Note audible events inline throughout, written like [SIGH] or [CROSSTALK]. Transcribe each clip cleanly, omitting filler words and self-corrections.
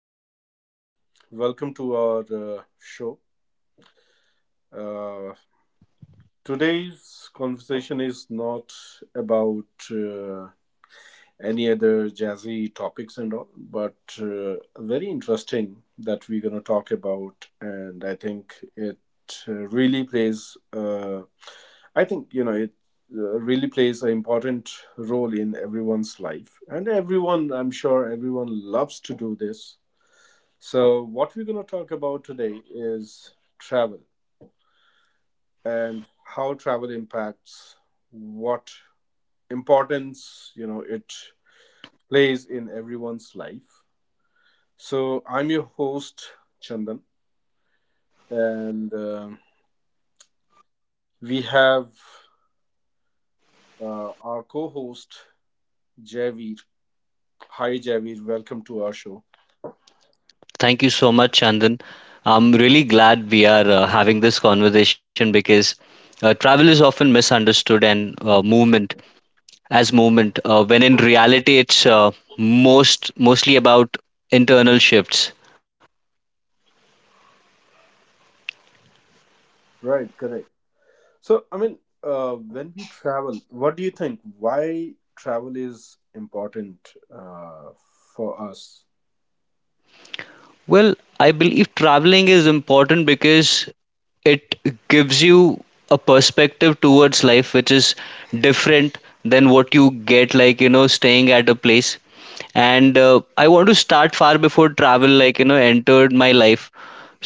And Welcome to our show. Uh, Today's conversation is not about any other jazzy topics and all, but very interesting that we're going to talk about, and I think it really plays. I think you know it really plays an important role in everyone's life, and everyone, I'm sure, everyone loves to do this. So, what we're going to talk about today is travel and how travel impacts what importance, you know, it plays in everyone's life. So, I'm your host Chandan, and we have our co-host Javeed. Hi Javeed, welcome to our show. Thank you so much, Chandan. I'm really glad we are having this conversation because travel is often misunderstood and movement as movement, when in reality it's mostly about internal shifts. Right, correct. So, I mean, when we travel, what do you think? Why travel is important for us? Well, I believe traveling is important because it gives you a perspective towards life which is different than what you get, like, staying at a place, and I want to start far before travel, like, entered my life.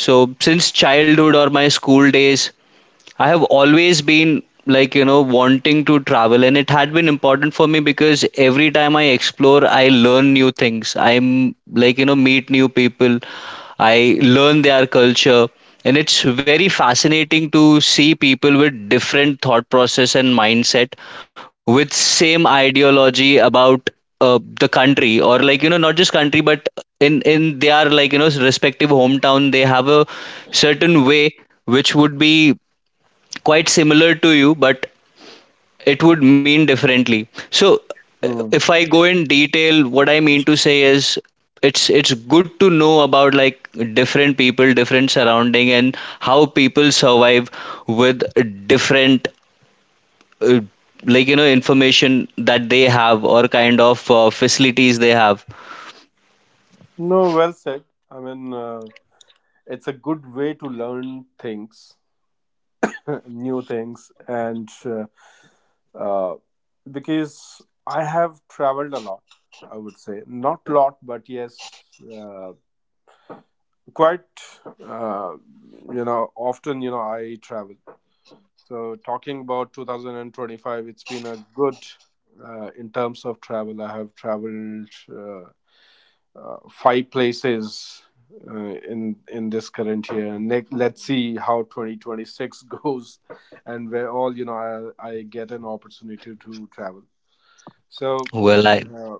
So since childhood or my school days, I have always been, like, wanting to travel, and it had been important for me because every time I explore I learn new things, I'm like, meet new people, I learn their culture, and it's very fascinating to see people with different thought process and mindset with same ideology about the country, or, like, not just country but in their, like, respective hometown, they have a certain way which would be quite similar to you, but it would mean differently. So, Hmm. if I go in detail, what I mean to say is it's good to know about, like, different people, different surrounding, and how people survive with different. Uh, like, information that they have, or kind of facilities they have. No, well said. I mean, it's a good way to learn things, [LAUGHS] new things, and uh, because I have traveled a lot. I would say not lot, but yes, uh, quite. Uh, you know, often you know I travel. So talking about 2025, it's been a good. In terms of travel, I have traveled. Five places in this current year. Nick, let's see how 2026 [LAUGHS] goes, and where all you know I get an opportunity to travel. So Well, I. uh,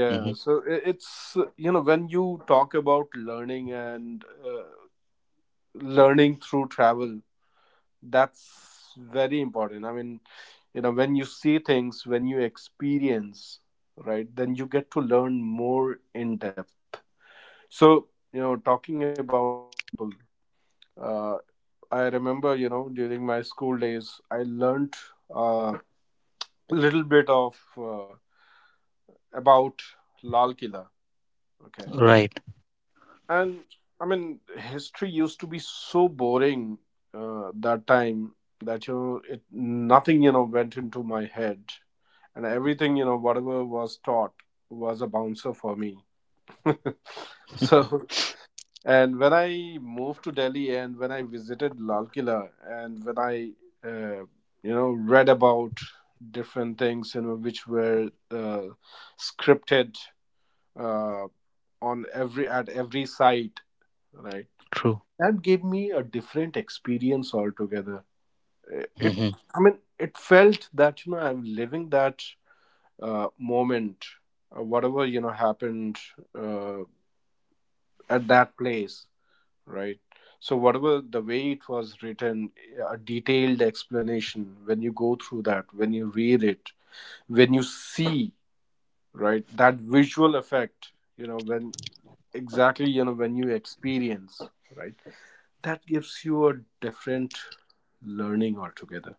Mhm. so it's you know when you talk about learning and learning through travel, that's very important. I mean, you know when you see things, when you experience, right, then you get to learn more in depth. So, you know, talking about an example, uh, I remember, you know, during my school days, I learnt a little bit of about Lal Killa. Okay. Right. And I mean, history used to be so boring that time that, you know, nothing, you know, went into my head. And everything, you know, whatever was taught was a bouncer for me. [LAUGHS] [LAUGHS] So, and when I moved to Delhi and when I visited Lal Killa and when uh, you know, read about different things, you know, which were scripted uh, on every at every site, right? True. That gave me a different experience altogether. I- It, Hmm. I mean, it felt that you know I'm living that moment, whatever you know happened uh, at that place, right? So whatever the way it was written, a detailed explanation when you go through that, when you read it, when you see, right, that visual effect, you know, when exactly, you know, when you experience, right, that gives you a different learning altogether.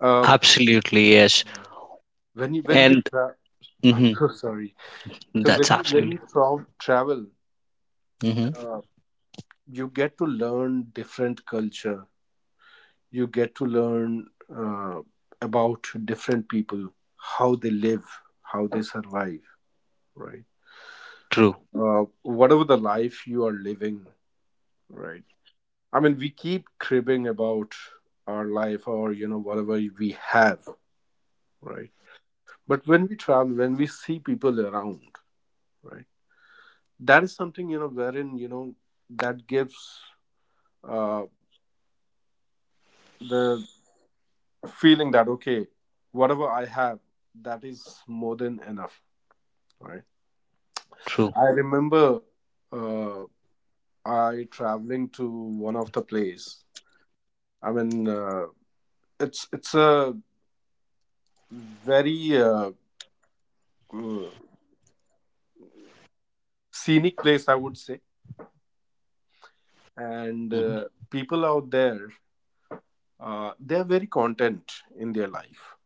Uh, Absolutely, yes. when you when you And tra- I'm hmm, so sorry. So when that's you, when absolutely. you tra- travel, Hmm. you get to learn different culture. You get to learn uh, about different people, how they live, how they survive, right? True, Whatever the life you are living, right? I mean, we keep cribbing about our life or, you know, whatever we have, right? But when we travel, when we see people around, right? That is something, you know, wherein, you know, that gives uh, the feeling that, okay, whatever I have, that is more than enough, right? true. I remember, uh, I traveling to one of the place. I mean, it's a very mm, scenic place, I would say, and Mhm. People out there, they're very content in their life.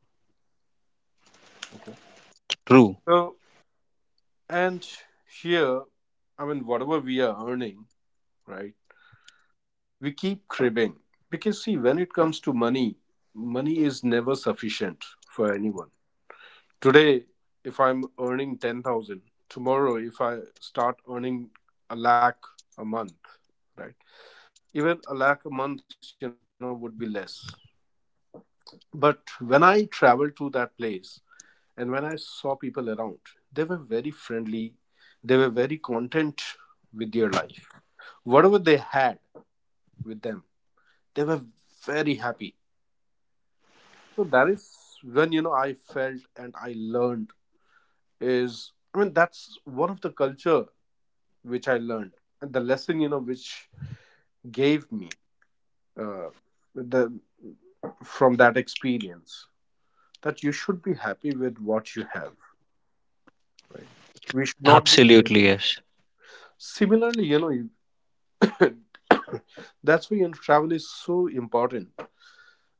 True. So and here, I mean, whatever we are earning, right? We keep cribbing because see, when it comes to money, money is never sufficient for anyone. Today, if I'm earning 10,000, tomorrow, if I start earning a lakh a month, right? Even a lakh a month, you know, would be less. But when I traveled to that place and when I saw people around, they were very friendly, they were very content with their life. Whatever they had with them, they were very happy. So that is when, you know, I felt and I learned is, I mean, that's one of the culture which I learned, and the lesson you know which gave me uh, the from that experience that you should be happy with what you have, right? We should not be able. Absolutely, yes. Similarly, you know, [LAUGHS] that's why you know, travel is so important.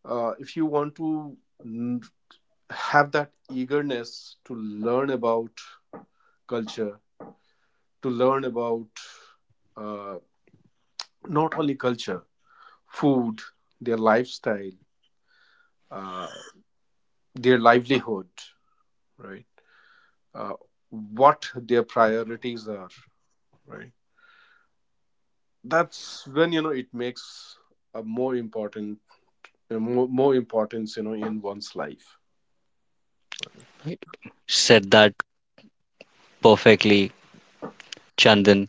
If you want to n- have that eagerness to learn about culture, to learn about uh, not only culture, food, their lifestyle, uh, their livelihood, right? Uh, what their priorities are, right? That's when you know it makes a more important, more importance, you know, in one's life. Said that perfectly, Chandan.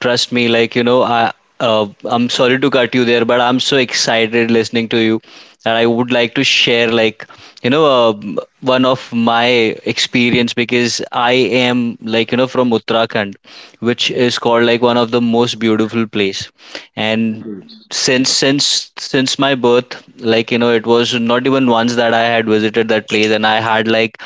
Trust me, like, I'm sorry to cut you there, but I'm so excited listening to you that I would like to share, like, you know, uh, one of my experience because I am, like, from Uttarakhand, which is called like one of the most beautiful place. And Indeed. since my birth, like, it was not even once that I had visited that place, and I had like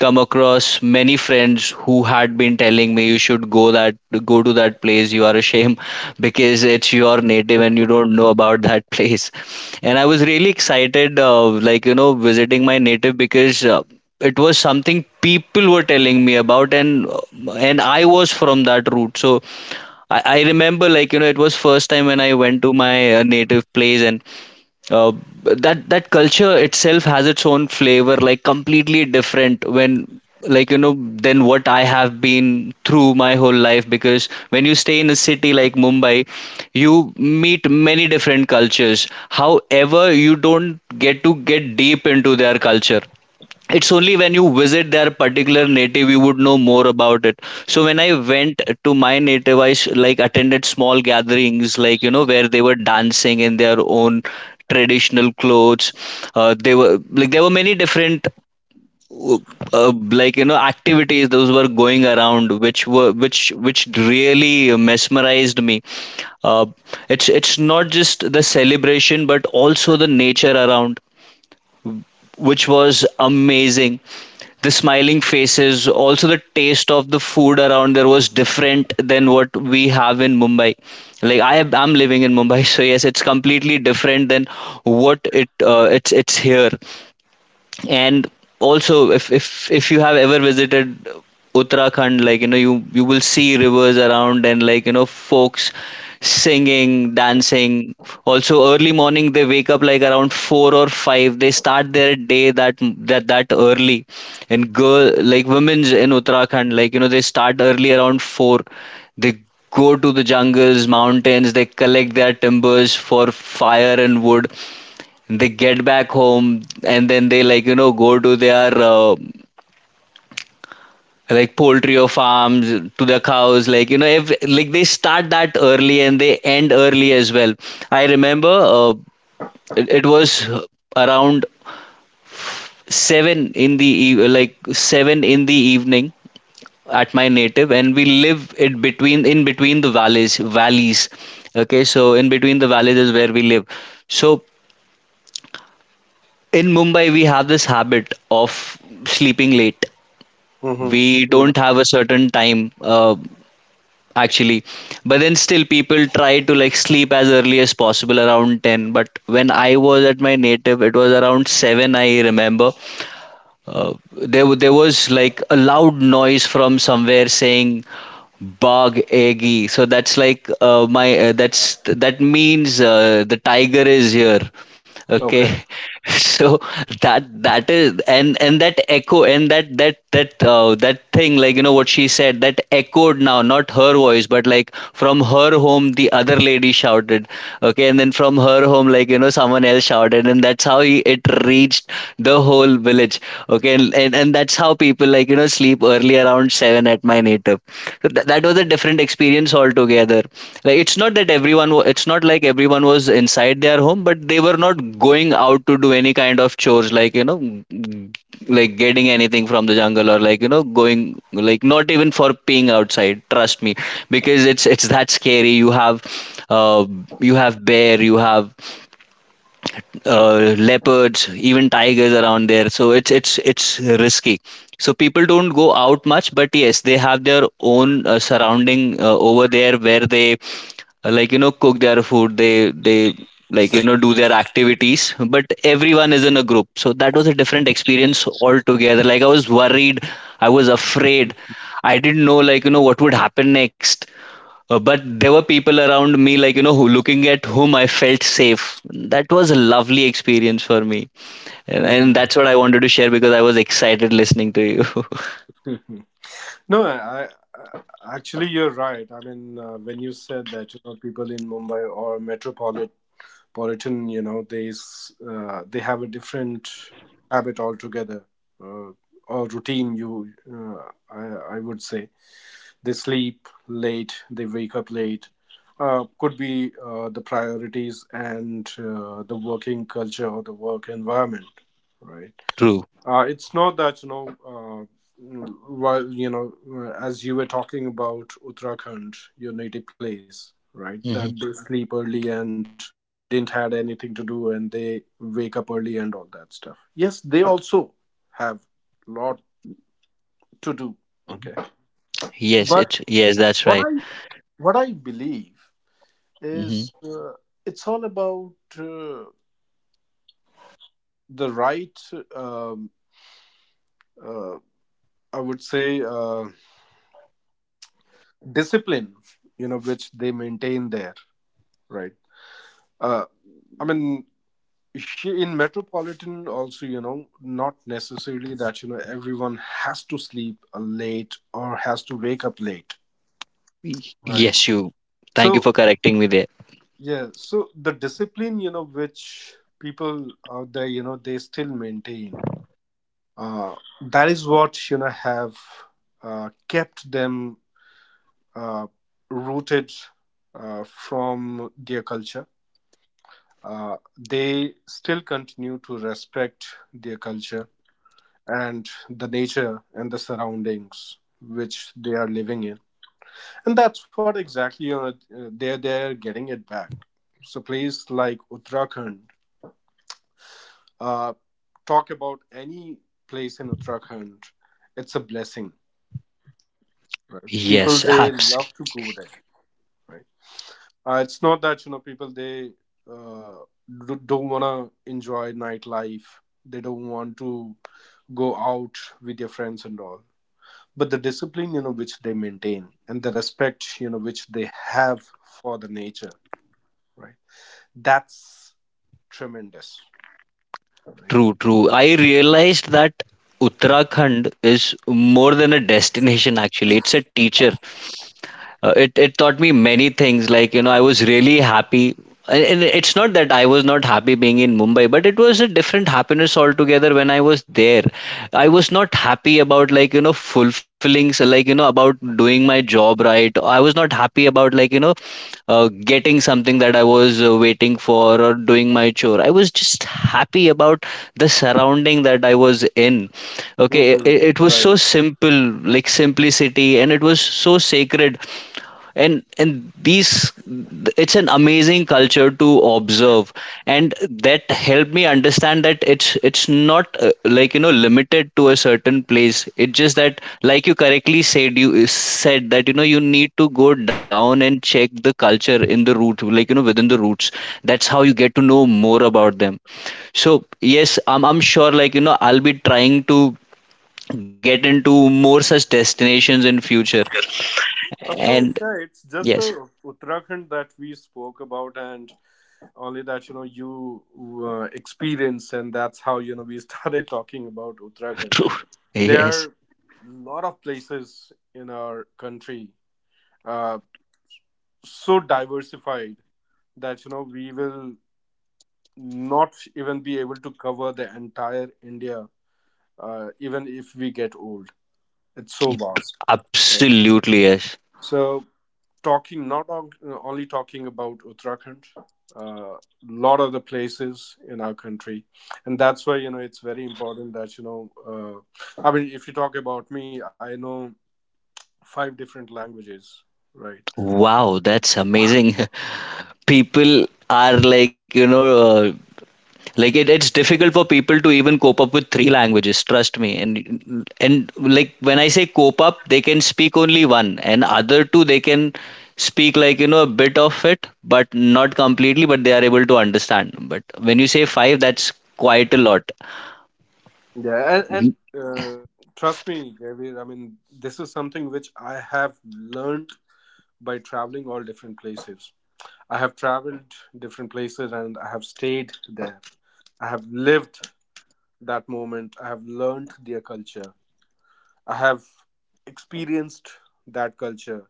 come across many friends who had been telling me, you should go to that place, you are a shame [LAUGHS] because it's your native and you don't know about that [LAUGHS] place. And I was really excited, like, visiting my native, because it was something people were telling me about, and and I was from that route. So I remember, like, it was first time when I went to my native place. And uh, that culture itself has its own flavor, like completely different when, like, than what I have been through my whole life. Because when you stay in a city like Mumbai, you meet many different cultures, however you don't get to get deep into their culture. It's only when you visit their particular native you would know more about it. So when I went to my native, like attended small gatherings, like, where they were dancing in their own traditional clothes. They were, like, there were many different uh, uh, like, activities those were going around, which were which really mesmerized me. uh, it's not just the celebration but also the nature around, which was amazing. The smiling faces, also the taste of the food around there was different than what we have in Mumbai. Like I am, I'm living in Mumbai [LAUGHS] so yes, it's completely different than what it, it's here. And also, if you have ever visited Uttarakhand, like, you will see rivers around, and, like, folks singing, dancing. Also early morning they wake up, like around 4 or 5, they start their day, that early. And girl, like women's in Uttarakhand, like, they start early around 4. They go to the jungles, mountains, they collect their timbers for fire and wood. They get back home, and then they, like, go to their like poultry or farms, to their cows. Like, if like they start that early and they end early as well. I remember it was around 7 in the like 7 in the evening at my native, and we live it between in between the valleys. Okay, so in between the valleys is where we live. So in Mumbai we have this habit of sleeping late. We don't Mm-hmm. have a certain time, actually. But then still people try to like sleep as early as possible around 10. But when I was at my native, it was around 7, I remember. uh, there was like a loud noise from somewhere saying, "Bog eggy." So that's like, my, that means, the tiger is here. Okay, Okay. [LAUGHS] so that is. And that echo, and that thing, like, what she said, that echoed. Now, not her voice, but like from her home, the other lady shouted. Okay, and then from her home, like, someone else shouted, and that's how it reached the whole village. Okay, and that's how people, like, sleep early around 7 at my native. So that was a different experience altogether. Like, it's not that it's not like everyone was inside their home, but they were not going out to do any kind of chores, like, like getting anything from the jungle, or, like, going, like not even for peeing outside, trust me. Because it's that scary. You have uh you have bear, you have leopards, even tigers around there. So it's risky. So people don't go out much, but yes, they have their own surrounding over there, where they like, cook their food. They, like, do their activities, but everyone is in a group. So that was a different experience altogether. Like, I was worried, I was afraid. I didn't know, like, what would happen next. But there were people around me, like, who looking at whom I felt safe. That was a lovely experience for me, and, Hmm. and that's what I wanted to share, because I was excited listening to you. [LAUGHS] No, I actually you're right. I mean, when you said that, you know, people in Mumbai or metropolitan Puritan, you know, they have a different habit altogether, uh, or routine. I would say, they sleep late, they wake up late. Could be the priorities and the working culture or the work environment, right? [LAUGHS] True. It's not that, you know, while, you know, as you were talking about Uttarakhand, your native place, right? Hmm. That they sleep early and they didn't had anything to do and they wake up early and all that stuff. Yes, they also have lot to do. Okay. Yes, But it's yes, that's what right. I what I believe Hmm. is it's all about uh, the right, um, uh, I would say, discipline you know which they maintain there, right. uh, I mean, in metropolitan also, you know, not necessarily that you know everyone has to sleep late or has to wake up late, right. Yes, you thank you So for correcting me there. yeah, so the discipline you know which people out there, you know, they still maintain, uh, that is what you know have kept them uh, rooted from their culture. They still continue to respect their culture and the nature and the surroundings which they are living in, and that's what exactly you know, they're getting it back. So place like Uttarakhand, uh, talk about any place in Uttarakhand, it's a blessing, right? Yes, People, they love to go there, right? It's not that you know people, they uh, don't wanna enjoy nightlife. They don't want to go out with their friends and all. But the discipline you know which they maintain and the respect you know which they have for the nature, right? That's tremendous. true. I realized that Uttarakhand is more than a destination, actually it's a teacher. It taught me many things, like, I was really happy. And it's not that I was not happy being in Mumbai, but it was a different happiness altogether when I was there. I was not happy about, like, fulfilling, so, like, about doing my job right. I was not happy about, like, getting something that I was waiting for, or doing my chore. I was just happy about the surrounding that I was in. Okay, Hmm. it was Right. so simple. Like simplicity, and it was so sacred. And and these it's an amazing culture to observe. And that helped me understand that it's not like, limited to a certain place. It's just that, like you correctly said, you said that, you need to go down and check the culture in the root, like, within the roots. That's how you get to know more about them. So yes, I'm sure, like, I'll be trying to get into more such destinations in future. Of course, And yeah, it's just yes. the Uttarakhand that we spoke about, and only that you know you experience, and that's how you know we [LAUGHS] started talking about Uttarakhand. [LAUGHS] True. There are Yes. a lot of places in our country, uh, so diversified that you know we will not even be able to cover the entire India, even if we get old. It's so Yep. vast, right? Absolutely, yes. So talking not on, only talking about Uttarakhand, a lot of the places in our country, and that's why you know it's very important that you know. I mean, if you talk about me, I know five different languages, right? Wow, that's amazing. [LAUGHS] People are like, like it's difficult for people to even cope up with three languages, trust me. And like when I say cope up, they can speak only one, and other two they can speak, like, a bit of it, but not completely, but they are able to understand. But when you say five, that's quite a lot. Yeah, and, Mhm. and trust me, Javier, I mean, this is something which I have learned by traveling all different places. I have traveled different places and I have stayed there. I have lived that moment. I have learned their culture. I have experienced that culture.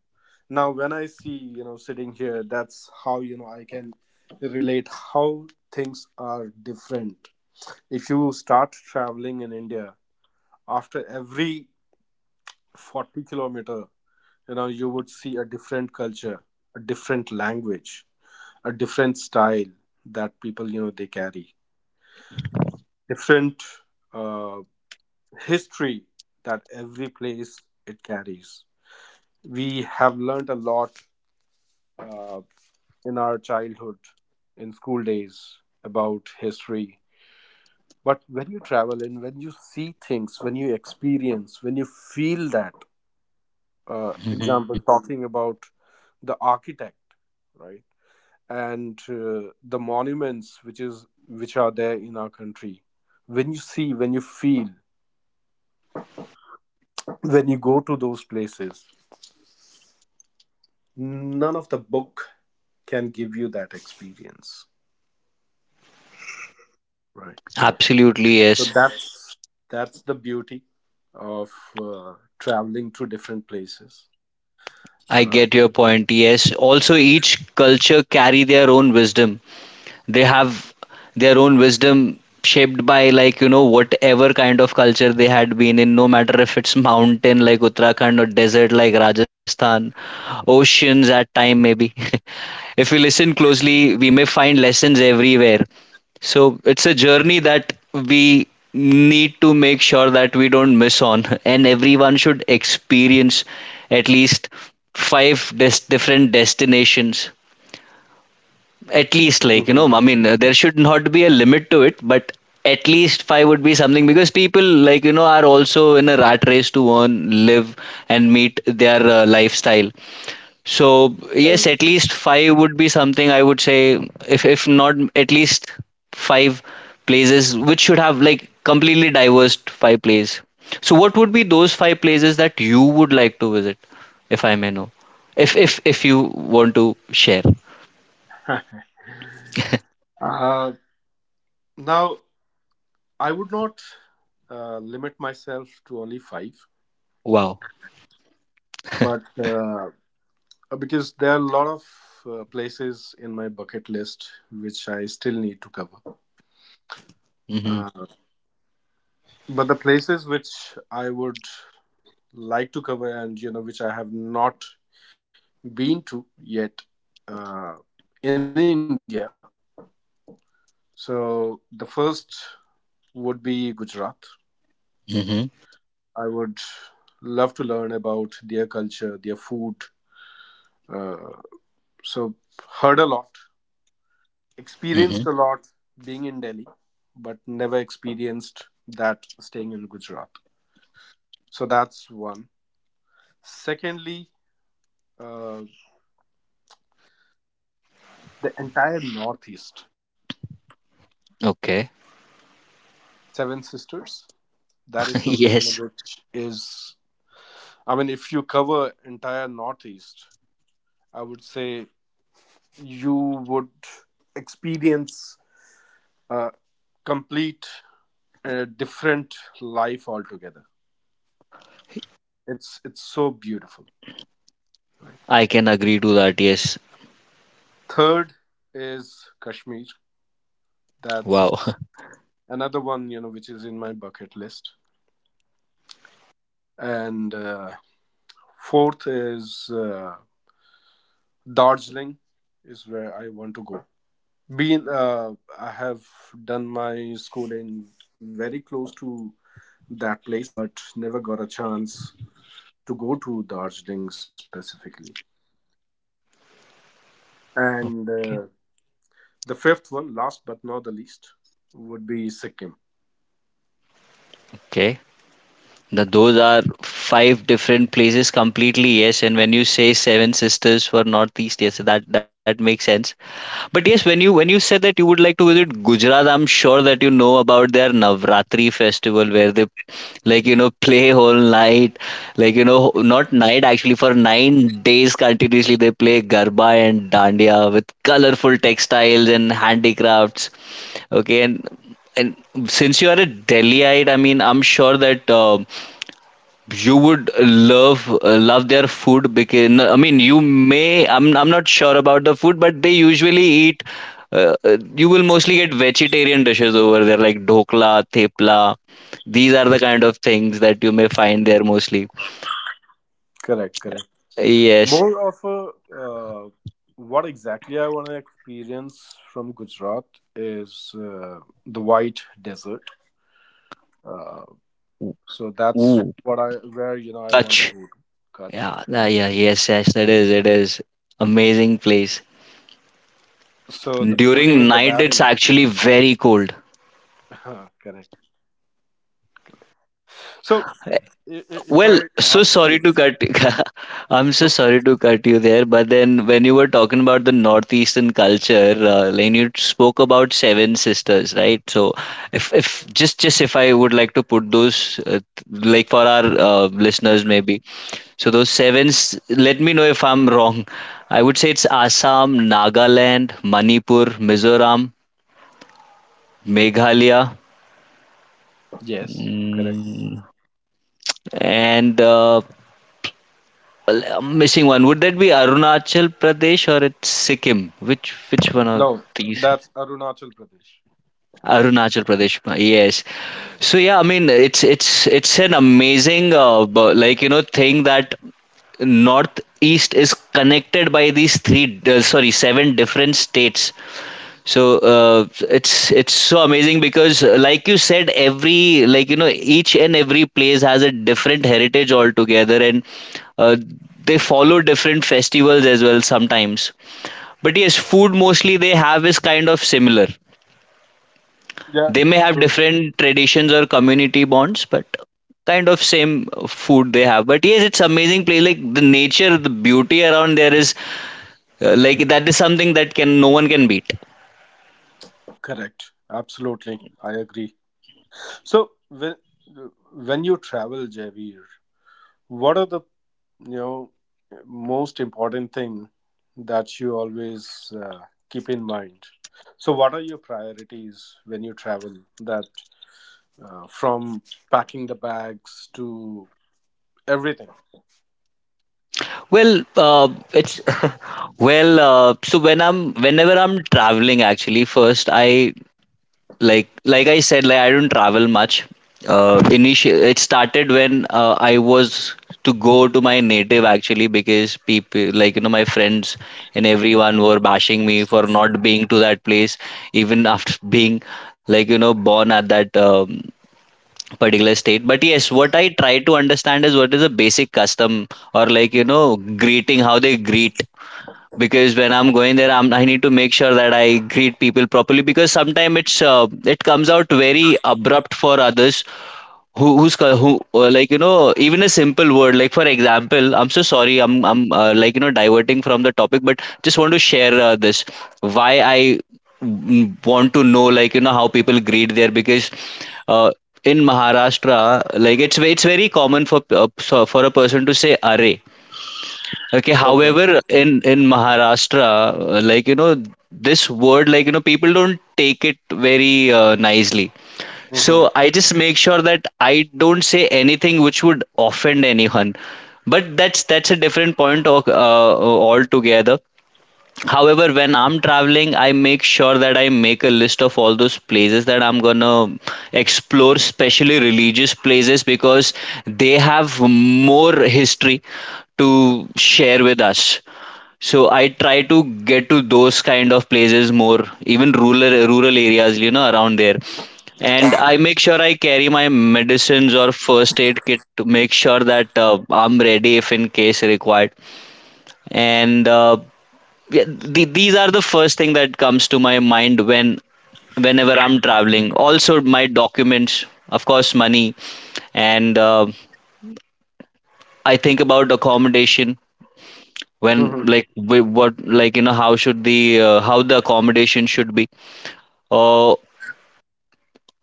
Now, when I see, you know, sitting here, that's how, you know, I can relate how things are different. If you start traveling in India, after every 40 kilometer, you know, you would see a different culture, a different language, a different style that people, you know, they carry, different uh, history that every place it carries. We have learned a lot uh, in our childhood, in school days, about history. But when you travel and when you see things, when you experience, when you feel that, Mhm. example talking about the architect, right, and the monuments which are there in our country, when you see, when you feel, when you go to those places, none of the book can give you that experience, right. Absolutely, So yes. that's the beauty of traveling to different places. I uh, get your point. Yes. Also, each culture carry their own wisdom. They have their own wisdom shaped by, like, you know, whatever kind of culture they had been in, no matter if it's mountain like Uttarakhand or desert like Rajasthan, oceans at time maybe. [LAUGHS] If we listen closely, we may find lessons everywhere. So it's a journey that we need to make sure that we don't miss on, [LAUGHS] and everyone should experience at least five different destinations. At least, like, you know, Mhm. I mean, there should not be a limit to it, but at least five would be something because people, like, you know, are also in a rat race to earn live and meet their lifestyle. So yes, Correct. at least five would be something, I would say. If not at least five places which should have, like, completely diverse five plays. So what would be those five places that you would like to visit, if I may know, if you want to share. [LAUGHS] Uh, Now I would not limit myself to only five, Wow. but because there are a lot of places in my bucket list which I still need to cover. Mm-hmm. Uh, but the places which I would like to cover, and you know, which I have not been to yet, uh, in India. So the first would be Gujarat. Mhm, I would love to learn about their culture, their food. Uh, so, heard a lot, experienced mhm. a lot being in Delhi, but never experienced that staying in Gujarat. So that's one. Secondly, uh, the entire Northeast, Okay. Seven Sisters, that is [LAUGHS] something Yes, which is, I mean, if you cover entire Northeast, I would say you would experience a complete different life altogether. It's so beautiful, right? I can agree to that. Yes. Third is Kashmir. Wow. [LAUGHS] That's another one, you know, which is in my bucket list. And fourth is Darjeeling, is where I want to go. Being, uh, I have done my schooling very close to that place, but never got a chance to go to Darjeeling specifically. And Okay. the fifth one, last but not the least, would be Sikkim. Okay. Yeah, The, those are five different places completely. Yes, and when you say Seven Sisters for Northeast, yes, that makes sense. But yes, when you said that you would like to visit Gujarat, I'm sure that you know about their Navratri festival where they, like, you know, [LAUGHS] play whole night, like, you know, not night actually, for 9 days continuously they play garba and dandiya with colorful textiles and handicrafts. Okay, and since you are a Delhiite, I mean, I'm sure that you would love love their food because, no, I mean, you may, I'm not sure about the food, but they usually eat. You will mostly get vegetarian dishes over there like dhokla, thepla. These are the kind of things that you may find there mostly. correct, correct. Yes. More of a, what exactly I want to experience from Gujarat is the white desert. Uh, so that's Ooh, what I where you know I want to Kutch. go to. Kutch. Yeah, yeah, yeah, yes, yes, it is. It is amazing place. So the beauty During in the night, it's barren, actually very cold. [LAUGHS] correct. So if Well, I so ask sorry you, to cut. [LAUGHS] I'm so no, problem. sorry to cut you there. But then, when you were talking about the northeastern culture, and you spoke about Seven Sisters, right? So, if just just if I would like to put those, like for our listeners, maybe. So those sevens. Let me know if I'm [LAUGHS] wrong. I would say it's Assam, Nagaland, Manipur, Mizoram, Meghalaya, Yes, correct. and well, I'm missing one. Would that be Arunachal Pradesh or it's Sikkim? Which one of No, these? that's Arunachal Pradesh. Arunachal Pradesh. Yes. So yeah, I mean it's an amazing like, you know, thing that Northeast is connected by these three, sorry, seven different states. So it's so amazing because, like you said, every, like, you know, each and every place has a different heritage altogether, and uh, they follow different festivals as well sometimes. But yes, food mostly they have is kind of similar. Yeah, They may have true. different traditions or community bonds but kind of same food they have. But yes, it's amazing place, like the nature, the beauty around there is, like, that is something that can no one can beat. Correct. Absolutely, I agree. So when when you travel, Javier, what are the, you know, most important thing that you always keep in mind? So what are your priorities when you travel, that from packing the bags to everything? Well, it's [LAUGHS] well. So whenever I'm traveling, actually, first I, like I said, like, I don't travel much. Initial, it started when, I was to go to my native actually because people, like, you know, my friends and everyone were bashing me for not being to that place even after [LAUGHS] being, like, you know, born at that particular state. But yes, what I try to understand is what is a basic custom, or, like, you know, greeting, how they greet, because when I'm going there, I need to make sure that I greet people properly, because sometimes it's, it comes out very abrupt for others, who, like, you know. Even a simple word, like for example, I'm so sorry, I'm, like, you know, diverting from the topic but just want to share, this, why I want to know, like, you know, how people greet there, because, uh, in Maharashtra, like, it's very common for for a person to say array. Okay. Okay. However, in Maharashtra, like, you know, this word, like, you know, people don't take it very, nicely. So Hmm. I just make sure that I don't say anything which would offend anyone. But that's a different point of, altogether. However, when I'm traveling, I make sure that I make a list of all those places that I'm gonna explore, especially religious places, because they have more history to share with us. So I try to get to those kind of places more, even rural areas, you know, around there. And I make sure I carry my medicines or first aid kit to make sure that, I'm ready if in case required. And yeah, these are the first thing that comes to my mind whenever I'm traveling. Also, my documents, of course, money, and I think about accommodation. When, Hmm. like, what, like, you know, how should the, how the accommodation should be. uh,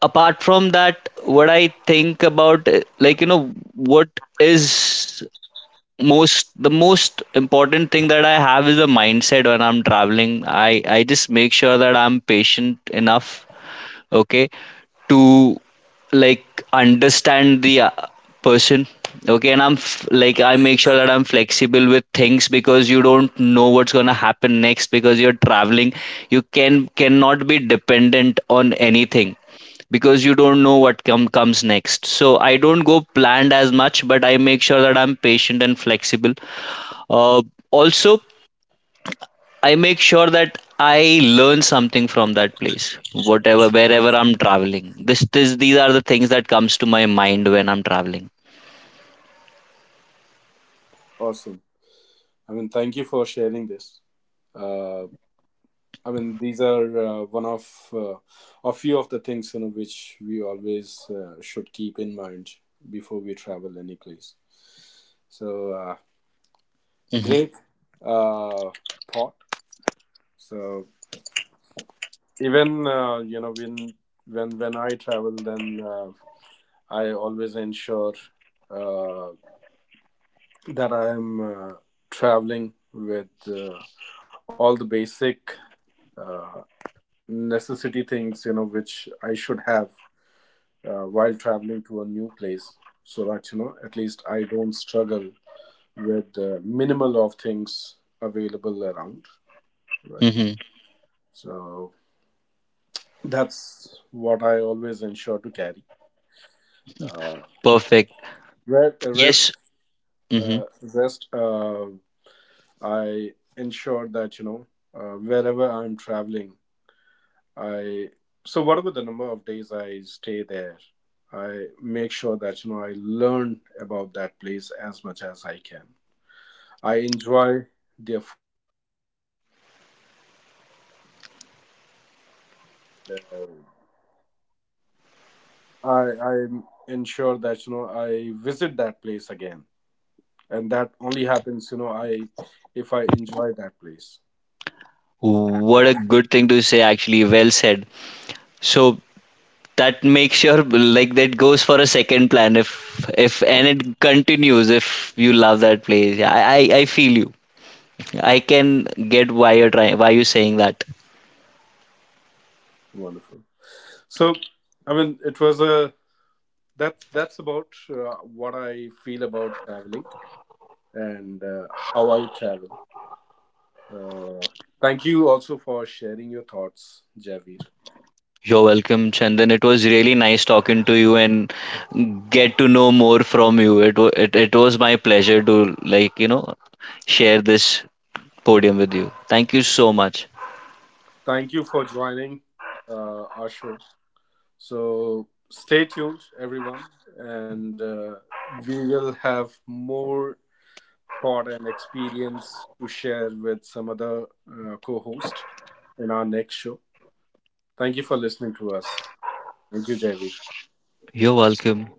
Apart from that, what I think about, like, you know, what is most the most important thing that I have is a mindset. When I'm traveling, I just make sure that I'm patient enough. Okay. To, like, understand the, person. Okay. And like, I make sure that I'm flexible with things because you don't know what's going to happen next because you're traveling. You can cannot be dependent on anything because you don't know what comes next. So I don't go planned as much but I make sure that I'm patient and flexible. Uh, also I make sure that I learn something from that place, whatever, wherever I'm traveling. These are the things that comes to my mind when I'm traveling. Awesome. I mean, thank you for sharing this. uh, I mean, these are one of uh, a few of the things you know which we always should keep in mind before we travel any place, so Hmm. great uh, thought. So even you know, when I travel, then I always ensure uh, that I am traveling with all the basic uh, necessity things you know which I should have while traveling to a new place, so that you know at least I don't struggle with the minimal of things available around, right? Hmm. So that's what I always ensure to carry. Uh, Perfect. Yes. Rest, Hmm. uh, rest. I ensure that you know wherever I'm traveling, I so whatever the number of days I stay there, I make sure that you know I learn about that place as much as I can. I enjoy their I I ensure that you know I visit that place again, and that only happens you know I if I enjoy that place. What a good thing to say. Actually, well said. So that makes sure, like that goes for a second plan. If, and it continues. If you love that place. Yeah, I feel you. I can get why you're trying, why you're saying that. Wonderful. So, I mean, it was a that's about what I feel about traveling and how I travel. Uh, Thank you also for sharing your thoughts, Javier. You're welcome, Chandan. It was really nice talking to you and get to know more from you. It was my pleasure to, like, you know, share this podium with you. Thank you so much. Thank you for joining our show. So stay tuned, everyone, and we will have more thought and experience to share with some other co host in our next show. Thank you for listening to us. Thank you, Javi. You're welcome.